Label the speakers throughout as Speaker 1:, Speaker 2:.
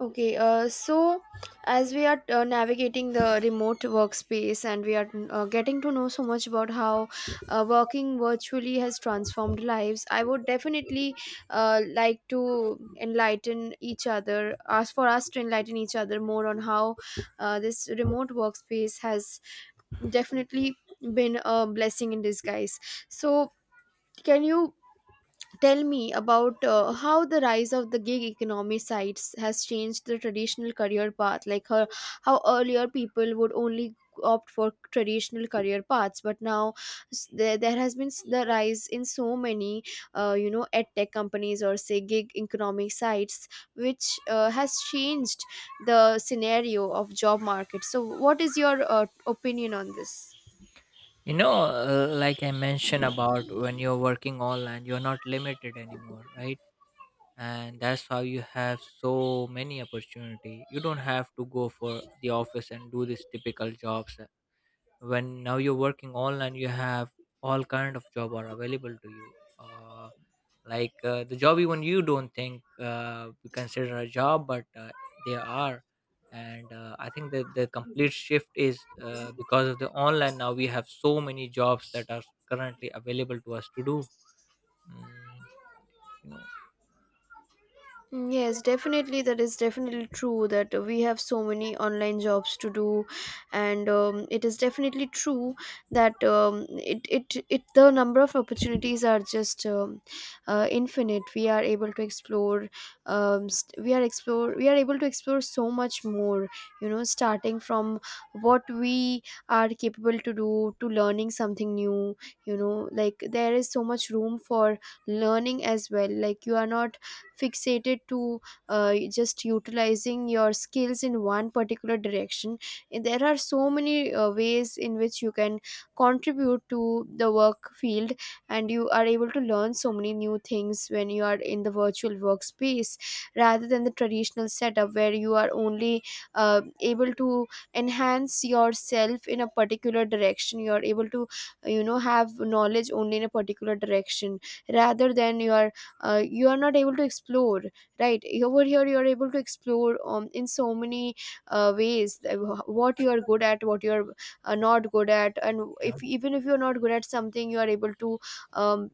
Speaker 1: Okay, so as we are navigating the remote workspace and we are getting to know so much about how working virtually has transformed lives, I would definitely like to enlighten each other, ask for us to enlighten each other more on how this remote workspace has definitely been a blessing in disguise. So, can you Tell me about how the rise of the gig economy sites has changed the traditional career path. How earlier people would only opt for traditional career paths, but now there has been the rise in so many, ed tech companies or say gig economy sites, which has changed the scenario of job market. So, what is your opinion on this?
Speaker 2: Like I mentioned about when you're working online, you're not limited anymore, right? And that's how you have so many opportunity. You don't have to go for the office and do these typical jobs. When now you're working online, you have all kind of job are available to you. Like the job, even you don't think you consider a job, but they are. And I think that the complete shift is because of the online. Now we have so many jobs that are currently available to us to do. mm, you know
Speaker 1: Mm, yes, definitely. That is definitely true that we have so many online jobs to do, and it is definitely true that it, it it the number of opportunities are just infinite. We are able to explore, we are able to explore so much more. You know, starting from what we are capable to do to learning something new. You know, like there is so much room for learning as well. Like you are not fixated to just utilizing your skills in one particular direction. And there are so many ways in which you can contribute to the work field, and you are able to learn so many new things when you are in the virtual workspace rather than the traditional setup where you are only able to enhance yourself in a particular direction. You are able to, you know, have knowledge only in a particular direction rather than you are not able to explore. Right over here you are able to explore in so many ways, what you are good at, what you are not good at, and
Speaker 2: yeah.
Speaker 1: if even if you are not good at something, you are able to um,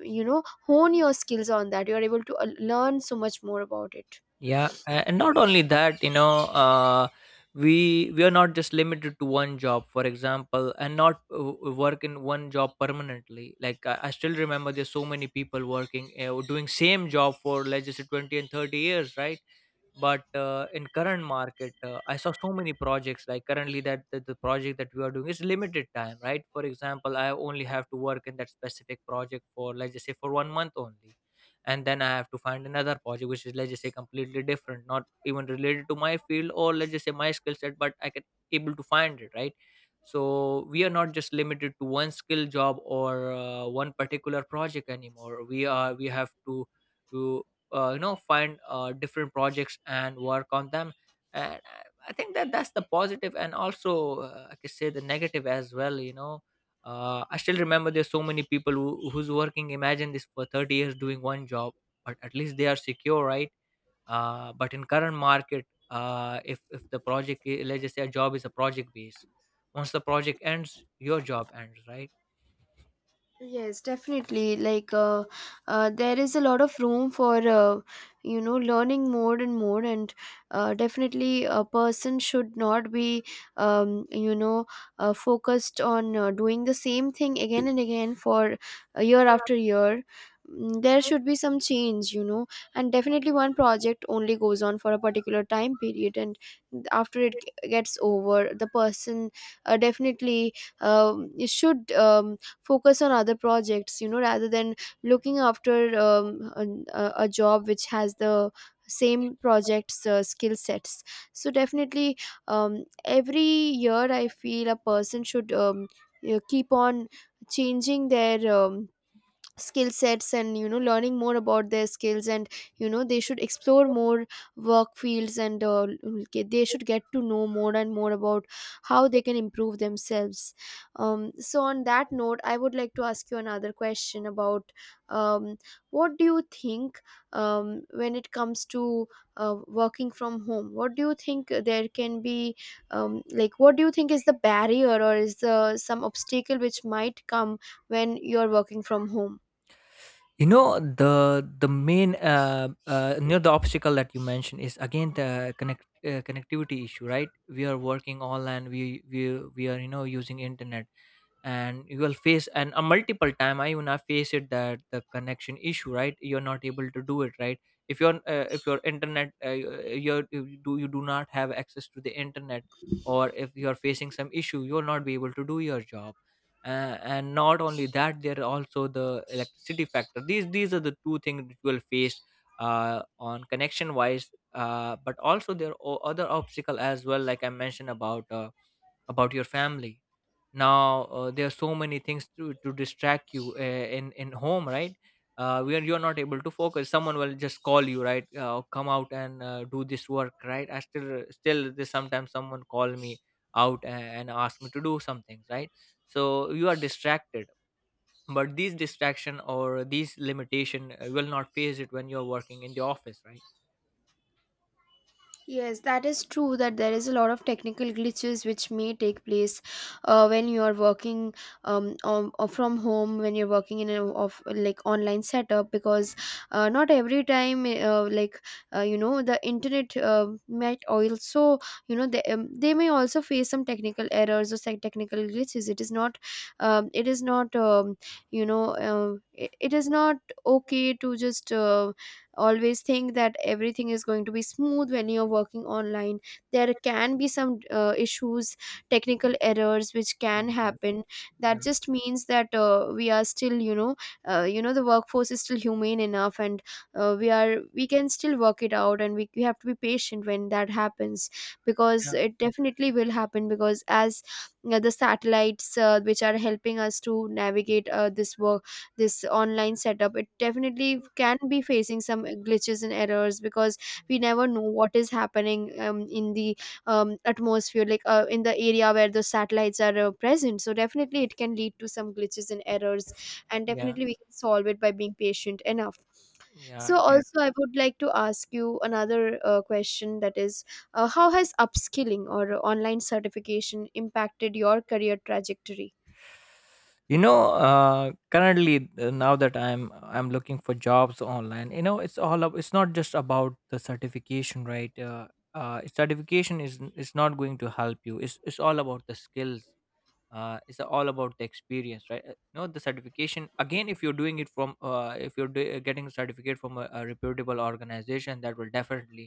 Speaker 1: you know, hone your skills on that. You are able to learn so much more about it.
Speaker 2: Yeah. And not only that, we are not just limited to one job, for example, and not work in one job permanently. Like I still remember there's so many people working, doing same job for let's just say 20 and 30 years, right? But in current market, I saw so many projects. Like currently, that the project that we are doing is limited time, right? For example, I only have to work in that specific project for let's just say for 1 month only. And then I have to find another project which is let's just say completely different, not even related to my field, or let's just say my skill set, but I can able to find it, right? So we are not just limited to one skill job or one particular project anymore. We have to find different projects and work on them. And I think that that's the positive, and also I could say the negative as well. I still remember there's so many people who's working, imagine this, for 30 years doing one job, but at least they are secure, right? But in current market, if the project let's just say a job is a project based, once the project ends, your job ends, right?
Speaker 1: Yes, definitely. There is a lot of room for, you know, learning more and more, and definitely a person should not be, um, you know, focused on doing the same thing again and again for year after year. Mm, there should be some change, you know, and definitely one project only goes on for a particular time period, and after it gets over, the person definitely should focus on other projects, you know, rather than looking after a job which has the same projects, skill sets. So definitely, every year I feel a person should, you know, keep on changing their, skill sets, and you know, learning more about their skills, and you know, they should explore more work fields and they should get to know more and more about how they can improve themselves. So on that note, I would like to ask you another question about, um, what do you think, when it comes to working from home, what do you think there can be, like what do you think is the barrier or is the some obstacle which might come when you're working from home?
Speaker 2: You know, the main the obstacle that you mentioned is again the connectivity issue, right? We are working online. We are using internet, and you will face, and a multiple time, I even I face it, that the connection issue, right? You're not able to do it, right? If you're if your internet you do not have access to the internet, or if you're facing some issue, you'll not be able to do your job. And not only that, there are also the electricity factor. These are the two things that you will face on connection wise. But also, there are other obstacle as well. Like I mentioned about your family. Now, there are so many things to distract you in home, right? Where you're not able to focus, someone will just call you, right? Come out and do this work, right? I still, there's sometimes someone call me out, and ask me to do some things, right? So you are distracted. But these distraction or these limitation will not face it when you're working in the office, right?
Speaker 1: Yes, that is true that there is a lot of technical glitches which may take place when you are working, or from home, when you're working in a of like online setup, because not every time, you know, the internet might also, you know, they may also face some technical errors or some technical glitches. It is not you know, it is not okay to just always think that everything is going to be smooth when you're working online. There can be some issues, technical errors which can
Speaker 2: Mm. Yeah.
Speaker 1: happen.
Speaker 2: Yeah.
Speaker 1: That just means that we are still, you know, you know, the workforce is still humane enough, and we are, we can still work it out, and we have to be patient when that happens, because
Speaker 2: Yeah.
Speaker 1: it definitely will happen. Because as the satellites which are helping us to navigate this work, this online setup, it definitely can be facing some glitches and errors, because we never know what is happening in the atmosphere, like in the area where the satellites are present, so definitely it can lead to some glitches and errors. And
Speaker 2: Yeah.
Speaker 1: definitely we can solve it by being patient enough.
Speaker 2: Yeah.
Speaker 1: So also I would like to ask you another question, that is, how has upskilling or online certification impacted your career trajectory?
Speaker 2: You know, currently, now that I'm looking for jobs online. It's all up, it's not just about the certification, right? Certification is not going to help you. It's all about the skills. It's all about the experience, right? You know, the certification, again, if you're doing it from if you're getting a certificate from a reputable organization, that will definitely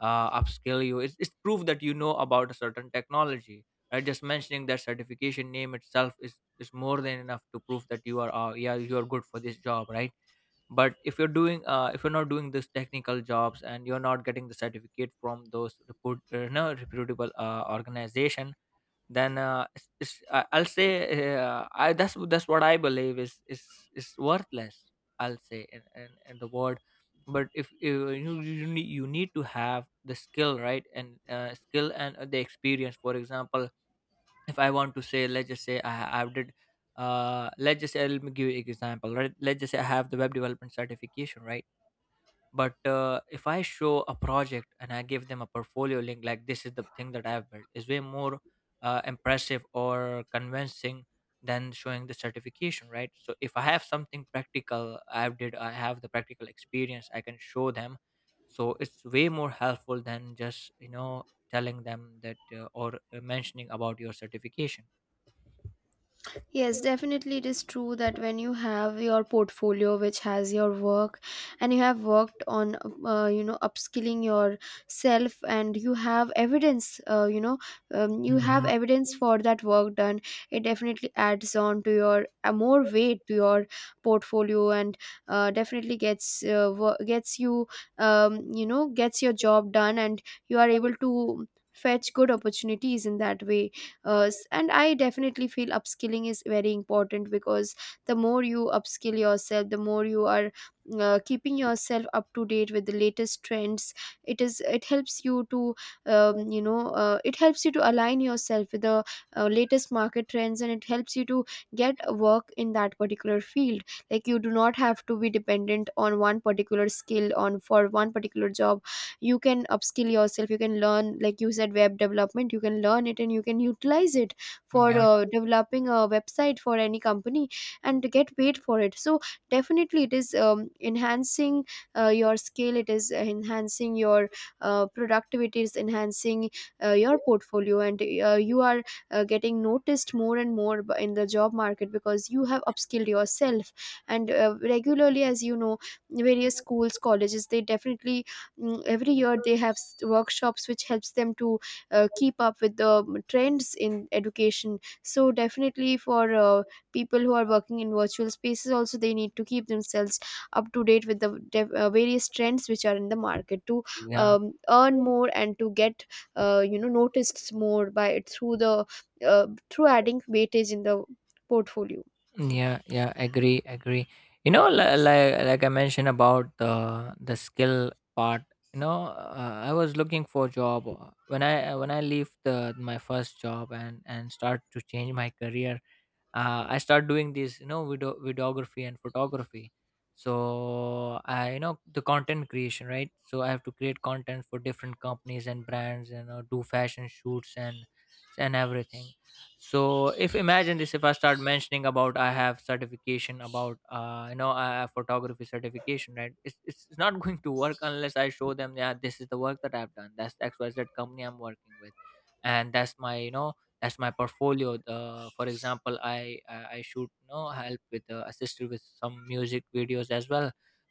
Speaker 2: upskill you. It's proof that you know about a certain technology, right? Just mentioning that certification name itself is more than enough to prove that you are yeah, you are good for this job, right? But if you're not doing this technical jobs, and you're not getting the certificate from those reput no, reputable organization, then, it's, I'll say, I that's what I believe is is worthless, I'll say, in in the word. But if you need, you need to have the skill, right? And skill and the experience. For example, if I want to say, let's just say I did, let's just say, let me give you an example, right? Let's just say I have the web development certification, right? But if I show a project, and I give them a portfolio link, like this is the thing that I have built, is way more impressive or convincing than showing the certification, right? So if I have something practical, I have did, I have the practical experience, I can show them, so it's way more helpful than just telling them that or mentioning about your certification.
Speaker 1: Yes, definitely it is true that when you have your portfolio which has your work, and you have worked on you know, upskilling yourself, and you have evidence, you have evidence for that work done, it definitely adds on to your more weight to your portfolio, and definitely gets gets you you know, gets your job done, and you are able to fetch good opportunities in that way. And I definitely feel upskilling is very important, because the more you upskill yourself, the more you are keeping yourself up to date with the latest trends. It helps you to it helps you to align yourself with the latest market trends, and it helps you to get a work in that particular field. Like you do not have to be dependent on one particular skill on for one particular job. You can upskill yourself, you can learn, like you said, web development, you can learn it and you can utilize it
Speaker 2: Mm.
Speaker 1: for
Speaker 2: Yeah, right.
Speaker 1: developing a website for any company and get paid for it. So definitely it is enhancing your skill, it is enhancing your productivity, it is enhancing your portfolio, and you are getting noticed more and more in the job market because you have upskilled yourself. And regularly, as you know, various schools, colleges, they definitely, mm, every year they have workshops which helps them to keep up with the, trends in education. So definitely for people who are working in virtual spaces also, they need to keep themselves up to date with the various trends which are in the market to
Speaker 2: Yeah.
Speaker 1: earn more and to get you know, noticed more by through the through adding weightage in the portfolio.
Speaker 2: Yeah. Yeah. Agree. Agree. You know, like I mentioned about the skill part. You know, I was looking for job when I leave the my first job, and start to change my career. I start doing these, videography and photography. So I, the content creation, right? So I have to create content for different companies and brands, and do fashion shoots and everything. So if, imagine this, if I start mentioning about, I have certification about I have photography certification, right? It's not going to work unless I show them, yeah, this is the work that I've done, that's the XYZ company I'm working with. And that's my, portfolio. For example, I shoot, no, help with, assisted with some music videos as well.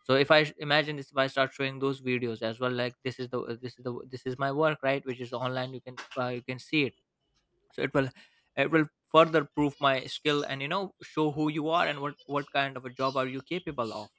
Speaker 2: So if I imagine this, if I start showing those videos as well, like this is the this is the this is my work, right? Which is online, you can see it. So it will, further prove my skill, and show who you are and what kind of a job are you capable of.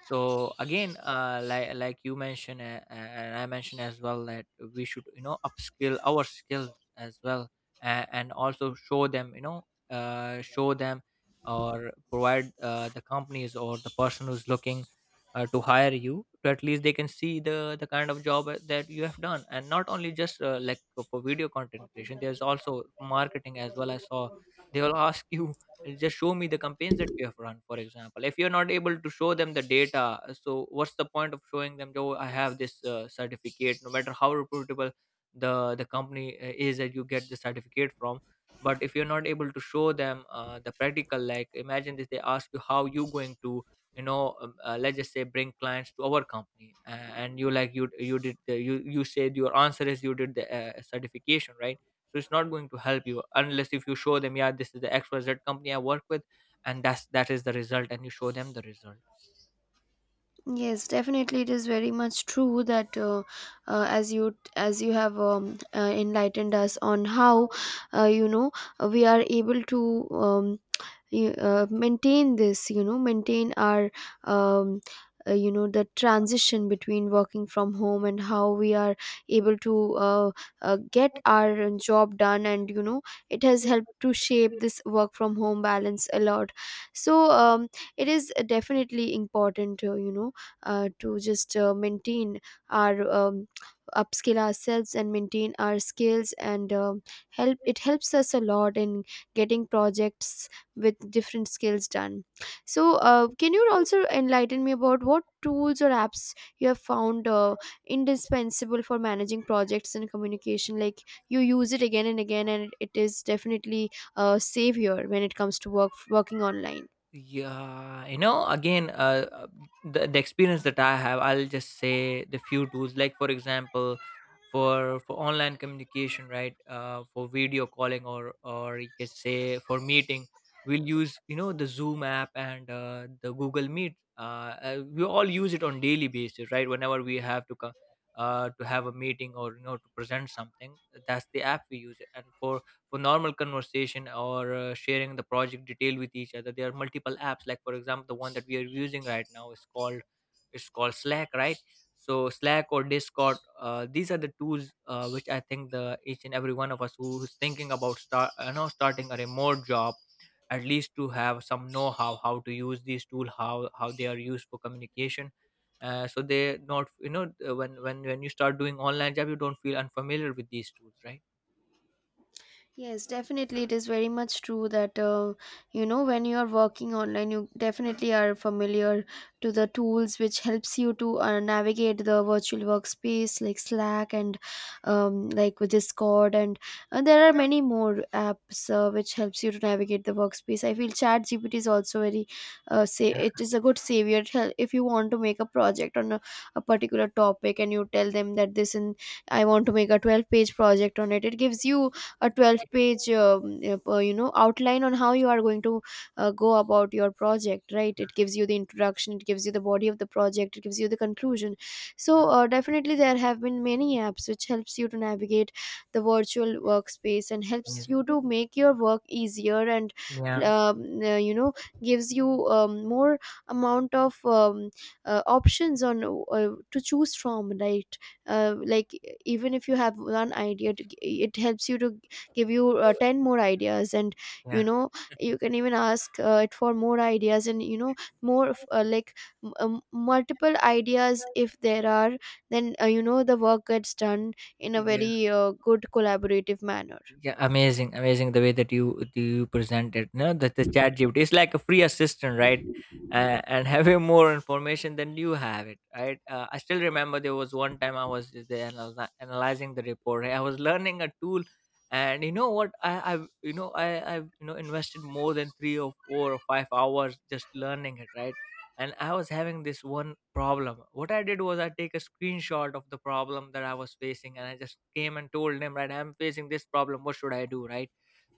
Speaker 2: So again, like you mentioned, and I mentioned as well, that we should upskill our skills as well, and also show them, show them or provide the companies or the person who's looking to hire you, to at least they can see the kind of job that you have done. And not only just like for video content creation, there's also marketing as well, I saw. They will ask you, Just show me the campaigns that you have run, for example. If you're not able to show them the data, so what's the point of showing them, oh, I have this certificate, no matter how reputable the the company is that you get the certificate from. But if you're not able to show them the practical, like imagine this, they ask you, how you going to, let's just say, bring clients to our company, and you, like, you did the, you said your answer is you did the certification, right? So it's not going to help you, unless if you show them, yeah, this is the XYZ company I work with, and that's, that is the result, and you show them the result.
Speaker 1: Yes, definitely, it is very much true that, as you have enlightened us on how you know, we are able to maintain this, you know, maintain our um, you know, the transition between working from home, and how we are able to uh, get our job done, and you know, it has helped to shape this work from home balance a lot. So it is definitely important, you know, to just maintain our upskill ourselves and maintain our skills, and um, help, it helps us a lot in getting projects with different skills done. So can you also enlighten me about what tools or apps you have found indispensable for managing projects and communication, like you use it again and again and it is definitely a savior when it comes to working online?
Speaker 2: Yeah, again, the experience that I have, I'll just say the few tools. Like for example, for online communication, right? For video calling, or you can say for meeting, we'll use the Zoom app, and the Google Meet. We all use it on daily basis, right? Whenever we have to to have a meeting, or to present something, that's the app we use it. And for normal conversation, or sharing the project detail with each other, there are multiple apps, like for example, the one that we are using right now is called, it's called Slack, right? So Slack or Discord, these are the tools which I think the each and every one of us who is thinking about starting a remote job, at least to have some know-how, how to use these tools, how they are used for communication. So they not, when you start doing online job, you don't feel unfamiliar with these tools, right?
Speaker 1: Yes, definitely. It is very much true that, you know, when you are working online, you definitely are familiar to the tools which helps you to navigate the virtual workspace, like Slack and, like with Discord. And there are many more apps which helps you to navigate the workspace. I feel ChatGPT is also very, say,
Speaker 2: Yeah.
Speaker 1: it is a good savior. If you want to make a project on a particular topic, and you tell them that this, and I want to make a 12-page project on it. It gives you a 12 page outline on how you are going to go about your project right it gives you the introduction, it gives you the body of the project, it gives you the conclusion. So
Speaker 2: Yeah.
Speaker 1: definitely there have been many apps which helps you to navigate the virtual workspace and helps you
Speaker 2: Amazing.
Speaker 1: to make your work easier and
Speaker 2: Yeah.
Speaker 1: um, uh, you know gives you more amount of options on to choose from, like even if you have one idea to, it helps you to give you 10 more ideas, and you
Speaker 2: Yeah,
Speaker 1: know you can even ask it for more ideas, and more of like multiple ideas if there are, then the work gets done in a
Speaker 2: yeah,
Speaker 1: very good collaborative manner.
Speaker 2: yeah. Amazing, amazing, the way that you present it. No, that the chat GPT is like a free assistant, right? And having more information than you have it, right? I still remember there was one time I was just there and analyzing the report. I was learning a tool, and you know what? I, you know, invested more than 3 or 4 or 5 hours just learning it, right? And I was having this one problem. What I did was I take a screenshot of the problem that I was facing, and I just came and told him, right, I'm facing this problem, what should I do, right?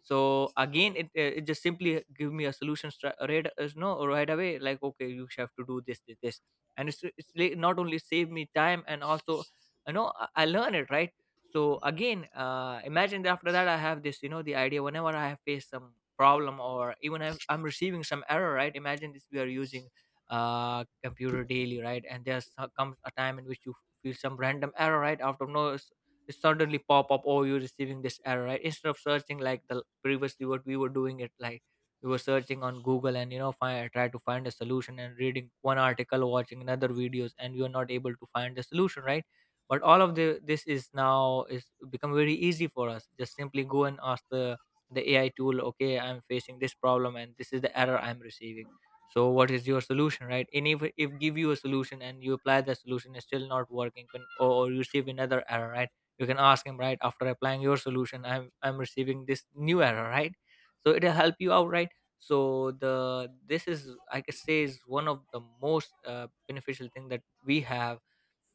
Speaker 2: So again, it just simply give me a solution right no, right away, like, okay, you have to do this, this. And it's like not only save me time, and also, you know, I learn it, right? So again, imagine that after that I have this, you know, the idea, whenever I have faced some problem or even if I'm receiving some error, right? Imagine this, we are using computer daily, right? And there comes a time in which you feel some random error, right? Out of nowhere, it suddenly pop up, oh, you're receiving this error, right? Instead of searching like the previously what we were doing it, like we were searching on Google and you know try to find a solution and reading one article, watching another videos, and we are not able to find the solution, right? But all of the this is now is become very easy for us. Just simply go and ask the AI tool, okay, I'm facing this problem and this is the error I'm receiving, so what is your solution, right? And if give you a solution and you apply the solution, it's still not working, or you receive another error, right? You can ask him, right, after applying your solution, I'm receiving this new error, right? So it'll help you out, right? So the this is, I can say, is one of the most beneficial thing that we have.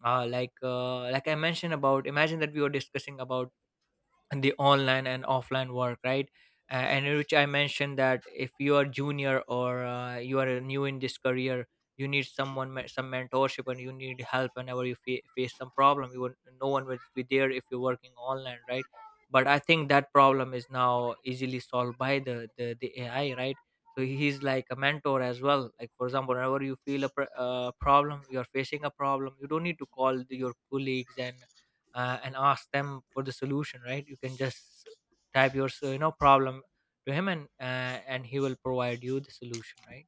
Speaker 2: Like I mentioned about, imagine that we were discussing about the online and offline work, right? A- and in which I mentioned that if you are junior or you are new in this career, you need someone some mentorship, and you need help whenever you face some problem. You would, no one will be there if you're working online, right? But I think that problem is now easily solved by the AI, right? So he's like a mentor as well. Like for example, whenever you feel a problem, you're facing a problem, you don't need to call your colleagues and ask them for the solution, right? You can just type you know, problem to him, and he will provide you the solution, right?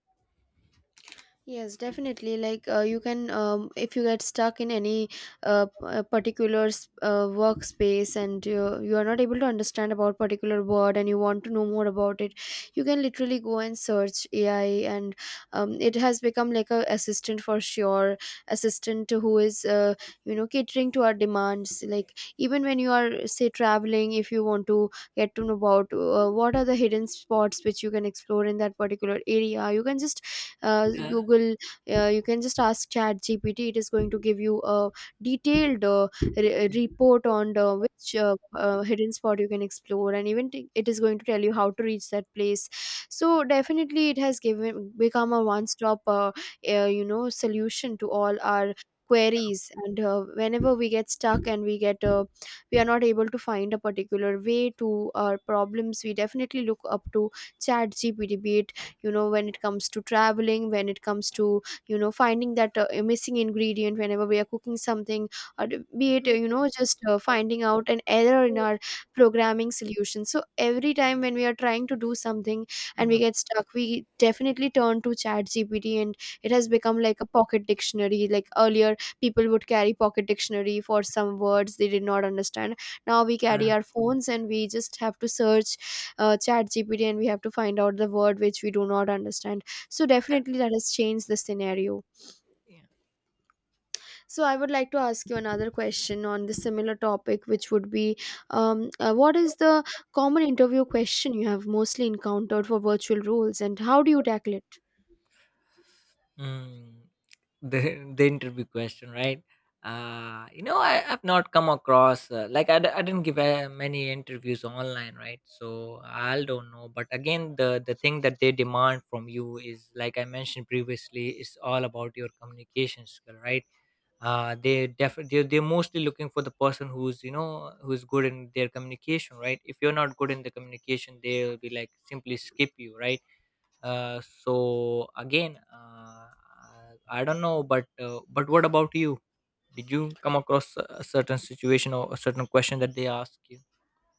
Speaker 1: Yes, definitely. Like you can, if you get stuck in any particular workspace, and you are not able to understand about particular word and you want to know more about it, you can literally go and search AI, and it has become like a assistant for sure, assistant who is catering to our demands. Like even when you are say traveling, if you want to get to know about what are the hidden spots which you can explore in that particular area, you can just
Speaker 2: Yeah,
Speaker 1: google, you can just ask chat gpt. It is going to give you a detailed
Speaker 2: yeah,
Speaker 1: report on the, which hidden spot you can explore, and even it is going to tell you how to reach that place. So definitely it has given become a one stop solution to all our queries, and whenever we get stuck and we are not able to find a particular way to our problems, we definitely look up to chat gpt, be it when it comes to traveling, when it comes to finding that missing ingredient whenever we are cooking something, or be it just finding out an error in our programming solution. So every time when we are trying to do something and we
Speaker 2: yeah.
Speaker 1: get stuck, we definitely turn to chat gpt, and it has become like a pocket dictionary. Like earlier people would carry pocket dictionary for some words they did not understand. Now we
Speaker 2: Yeah.
Speaker 1: carry our phones and we just have to search chat gpt, and we have to find out the word which we do not understand. So definitely that has changed the scenario.
Speaker 2: Yeah.
Speaker 1: So I would like to ask you another question on the similar topic, which would be what is the common interview question you have mostly encountered for virtual roles, and how do you tackle it?
Speaker 2: Mm, the the interview question, right? You know, I've not come across like I didn't give many interviews online, right? So I don't know. But again, the thing that they demand from you is, like I mentioned previously, is all about your communication skill, right? They definitely they're mostly looking for the person who's, you know, who's good in their communication, right? If you're not good in the communication, they'll be like simply skip you, right? Uh, so again, uh, I don't know, but what about you? Did you come across a certain situation or a certain question that they ask you?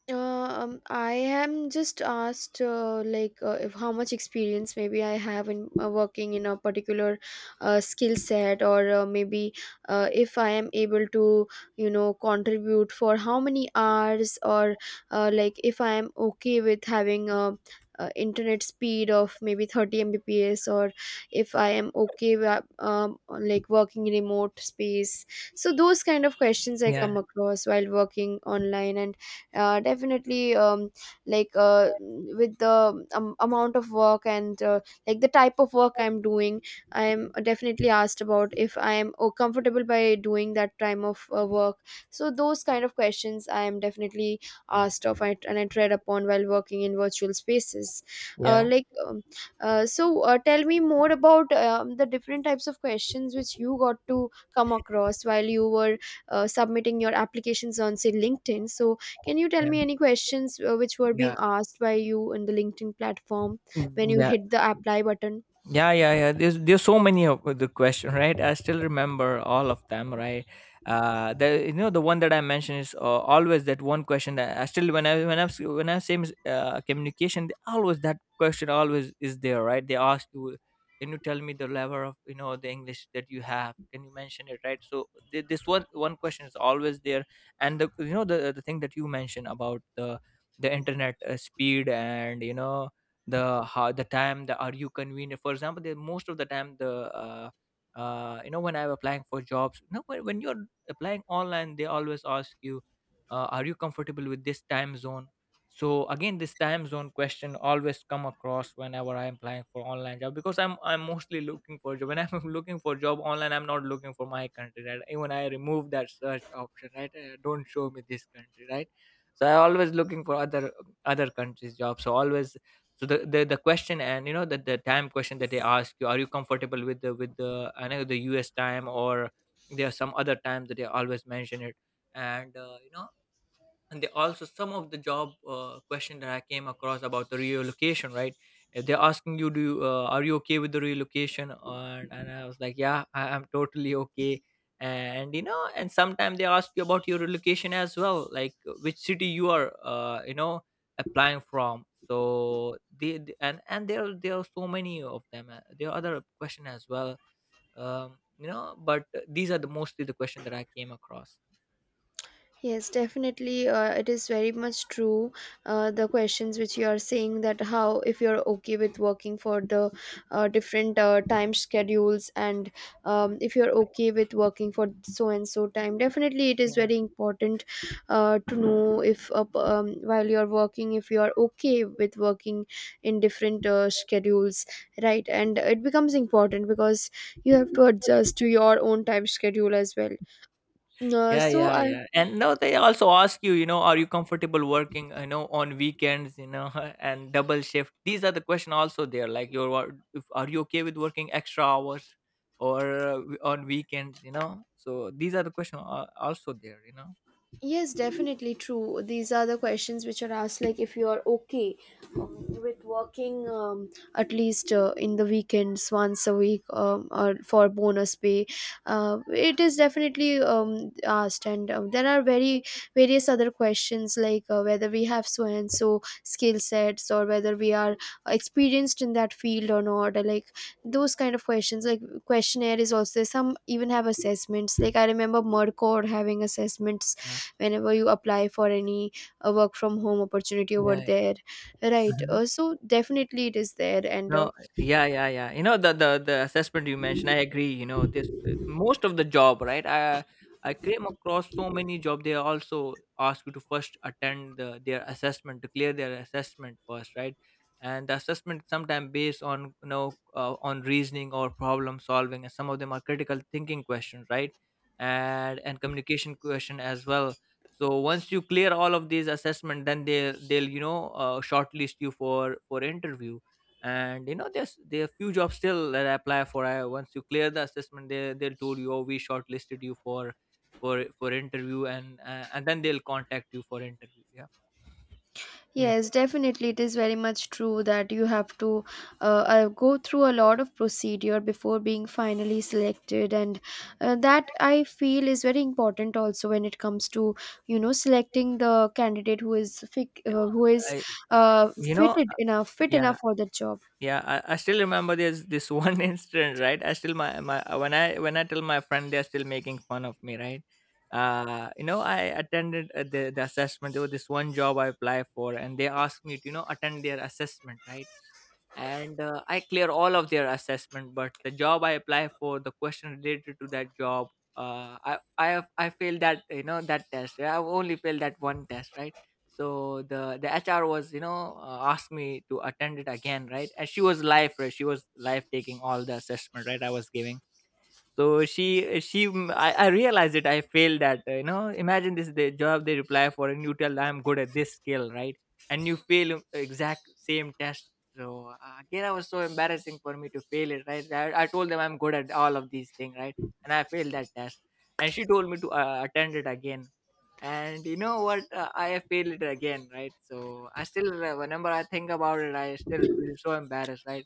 Speaker 1: I am just asked if how much experience maybe I have in working in a particular skill set, or maybe if I am able to contribute for how many hours, or like if I am okay with having a, internet speed of maybe 30 Mbps, or if I am okay with like working in remote space. So those kind of questions I
Speaker 2: Yeah.
Speaker 1: come across while working online. And definitely like with the amount of work, and like the type of work I'm doing, I am definitely asked about if I am oh, comfortable by doing that time of work. So those kind of questions I am definitely asked of, and I tread upon while working in virtual spaces.
Speaker 2: Yeah.
Speaker 1: Like tell me more about the different types of questions which you got to come across while you were submitting your applications on say linkedin. So can you tell
Speaker 2: Yeah.
Speaker 1: me any questions which were being
Speaker 2: Yeah.
Speaker 1: asked by you in the LinkedIn platform when you
Speaker 2: Yeah,
Speaker 1: hit the apply button?
Speaker 2: yeah. Yeah, yeah. There's so many of the question, right? I still remember all of them, right? The you know the one that I mentioned is always that one question that I still, when I say communication, always that question always is there, right? They ask you, can you tell me the level of, you know, the English that you have, can you mention it, right? So this one question is always there. And the, you know, the thing that you mentioned about the internet speed, and you know, the how the time, the are you convenient? For example, the most of the time, the uh, you know, when I'm applying for jobs, you know, when you're applying online, they always ask you, are you comfortable with this time zone? So again, this time zone question always come across whenever I'm applying for online job, because I'm mostly looking for job. When I'm looking for job online, I'm not looking for my country, right? Even I remove that search option, right? Don't show me this country, right? So I always looking for other other countries job. So always, so the question, and you know the time question that they ask you, are you comfortable with the, I know, the US time or there are some other times that they always mention it. And you know, and they also, some of the job question that I came across about the relocation, right? They're asking you, are you okay with the relocation? And I was like, yeah, I'm totally okay. And you know, and sometimes they ask you about your relocation as well, like which city you are uh, you know applying from. So there are so many of them. There are other question as well. um, you know but these are the mostly the question that I came across.
Speaker 1: Yes, definitely. It is very much true. The questions which you are saying, that how, if you're okay with working for the different time schedules, and if you're okay with working for so and so time, definitely it is very important to know if while you're working, if you're okay with working in different schedules, right? And it becomes important because you have to adjust to your own time schedule as well.
Speaker 2: Yeah,
Speaker 1: So
Speaker 2: yeah,
Speaker 1: I.
Speaker 2: yeah. And no, they also ask you, you know, are you comfortable working, you know, on weekends, you know, and double shift. These are the question also there. Like, you're, wor- if, are you okay with working extra hours or on weekends, you know? So these are the question also there, you know?
Speaker 1: Yes, definitely true. These are the questions which are asked, like if you are okay with working at least in the weekends once a week or for bonus pay. It is definitely asked, and there are very various other questions, like whether we have so and so skill sets, or whether we are experienced in that field or not. Or, like those kind of questions, like questionnaire is also there. Some even have assessments. Like I remember Mercor having assessments
Speaker 2: Yeah,
Speaker 1: whenever you apply for any work from home opportunity over
Speaker 2: yeah,
Speaker 1: there, right?
Speaker 2: yeah.
Speaker 1: So definitely it is there. And
Speaker 2: No, yeah, yeah, yeah. You know the assessment you mentioned, I agree. You know this most of the job, right? I came across so many job. They also ask you to first attend their assessment, to clear their assessment first, right? And the assessment sometimes based on, you know, on reasoning or problem solving, and some of them are critical thinking questions, right? And communication question as well. So once you clear all of these assessment, then they'll you know shortlist you for interview. And you know there's there are few jobs still that I apply for. I Once you clear the assessment, they'll told you, oh, we shortlisted you for for interview, and then they'll contact you for interview. Yeah. Me.
Speaker 1: yes, definitely it is very much true that you have to go through a lot of procedure before being finally selected. And
Speaker 2: Yeah,
Speaker 1: that I feel is very important also when it comes to
Speaker 2: yeah.
Speaker 1: selecting the candidate who is
Speaker 2: No,
Speaker 1: who is
Speaker 2: i I-
Speaker 1: uh,
Speaker 2: you know.
Speaker 1: fitted enough, fit
Speaker 2: Yeah.
Speaker 1: enough for the job.
Speaker 2: Yeah, I still remember there's this one incident, right? I still my when I tell my friend, they're still making fun of me, right? You know, I attended the assessment. There was this one job I applied for, and they asked me to, you know, attend their assessment, right? And I clear all of their assessment, but the job I apply for, the question related to that job, I have, I failed that, you know, that test. I have only failed that one test, right? So the HR was, you know, asked me to attend it again, right? And she was live, right, she was live taking all the assessment, right, I was giving. So she mm, I realized it. I failed at, you know, imagine this, the job they reply for, and you tell, I'm good at this skill, right? And you fail exact same test. So again, I was so embarrassing for me to fail it, right? I told them I'm good at all of these things, right? And I failed that test. And she told me to attend it again. And you know what? I failed it again, right? So I still whenever I think about it, I still feel so embarrassed, right?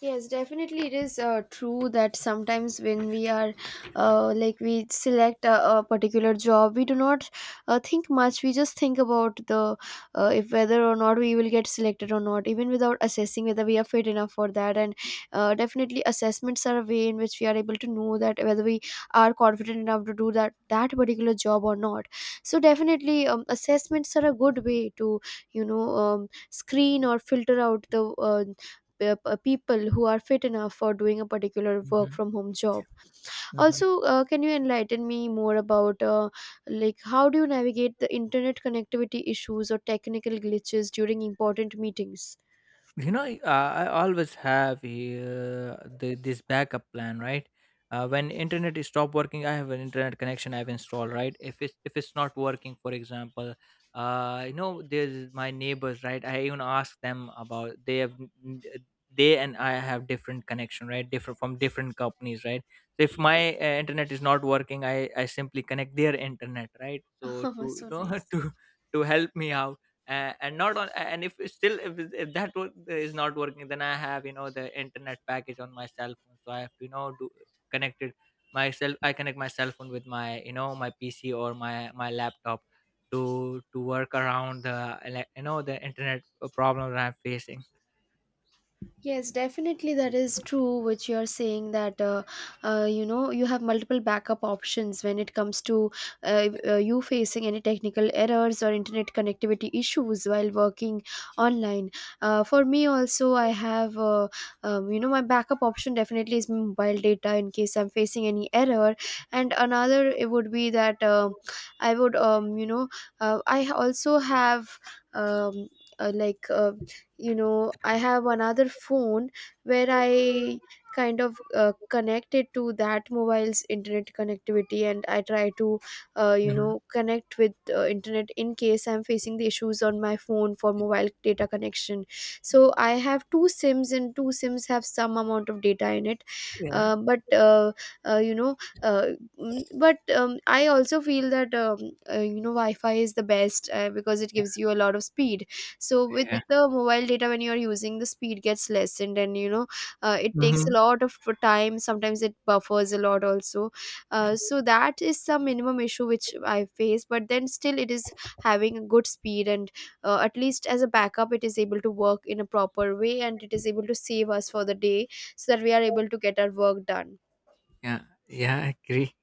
Speaker 1: Yes, definitely it is true that sometimes when we are like we select a particular job, we do not think much. We just think about the if whether or not we will get selected or not, even without assessing whether we are fit enough for that. And definitely assessments are a way in which we are able to know that whether we are confident enough to do that that particular job or not. So definitely assessments are a good way to screen or filter out the people who are fit enough for doing a particular work
Speaker 2: Mhm.
Speaker 1: from home job.
Speaker 2: Yeah.
Speaker 1: Also can you enlighten me more about like how do you navigate the internet connectivity issues or technical glitches during important meetings?
Speaker 2: You know, I always have this backup plan, right? When internet is stop working, I have an internet connection I've installed, right? If it's if it's not working, for example, you know, there's my neighbors, right? I even ask them about, they have n- n- they and I have different connection, right? Different from different companies, right? So if my internet is not working, I simply connect their internet, right? So
Speaker 1: Oh
Speaker 2: to, you
Speaker 1: so
Speaker 2: know,
Speaker 1: nice.
Speaker 2: to help me out. And not on And if it's still, if that is not working, then I have, you know, the internet package on my cell phone, so I have to, you know, do connect it myself. I connect my cell phone with my, you know, my PC or my laptop to work around the you know, the internet problem that I'm facing.
Speaker 1: Yes, definitely that is true, which you're saying that you have multiple backup options when it comes to you facing any technical errors or internet connectivity issues while working online. For me also, I have my backup option definitely is my mobile data in case I'm facing any error, and another it would be that I would I also have um, uh, like. Uh, I have another phone where I kind of connect it to that mobile's internet connectivity, and I try to
Speaker 2: Mhm.
Speaker 1: connect with internet in case I'm facing the issues on my phone for mobile data connection.
Speaker 2: Yeah.
Speaker 1: So I have two sims, and two sims have some amount of data in it.
Speaker 2: Yeah.
Speaker 1: Uh, but you know mm, but I also feel that wi-fi is the best because it gives you a lot of speed. So with
Speaker 2: Yeah.
Speaker 1: the mobile data when you're using, the speed gets lessened, and it takes a
Speaker 2: Mhm.
Speaker 1: lot of time, sometimes it buffers a lot also. So that is some minimum issue which I face, but then still it is having a good speed, and at least as a backup it is able to work in a proper way, and it is able to save us for the day so that we are able to get our work done.
Speaker 2: Yeah, yeah, I agree.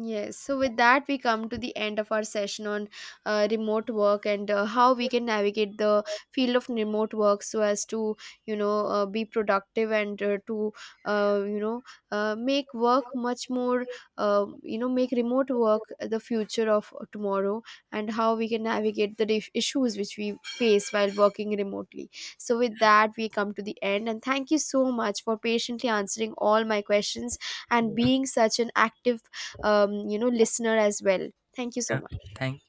Speaker 1: Yes, so with that, we come to the end of our session on remote work, and how we can navigate the field of remote work so as to, you know, be productive, and to, uh, you know, make work much more, make remote work the future of tomorrow, and how we can navigate the issues which we face while working remotely. So with that, we come to the end, and thank you so much for patiently answering all my questions and being such an active listener as well. Thank you so
Speaker 2: Yeah,
Speaker 1: much.
Speaker 2: thank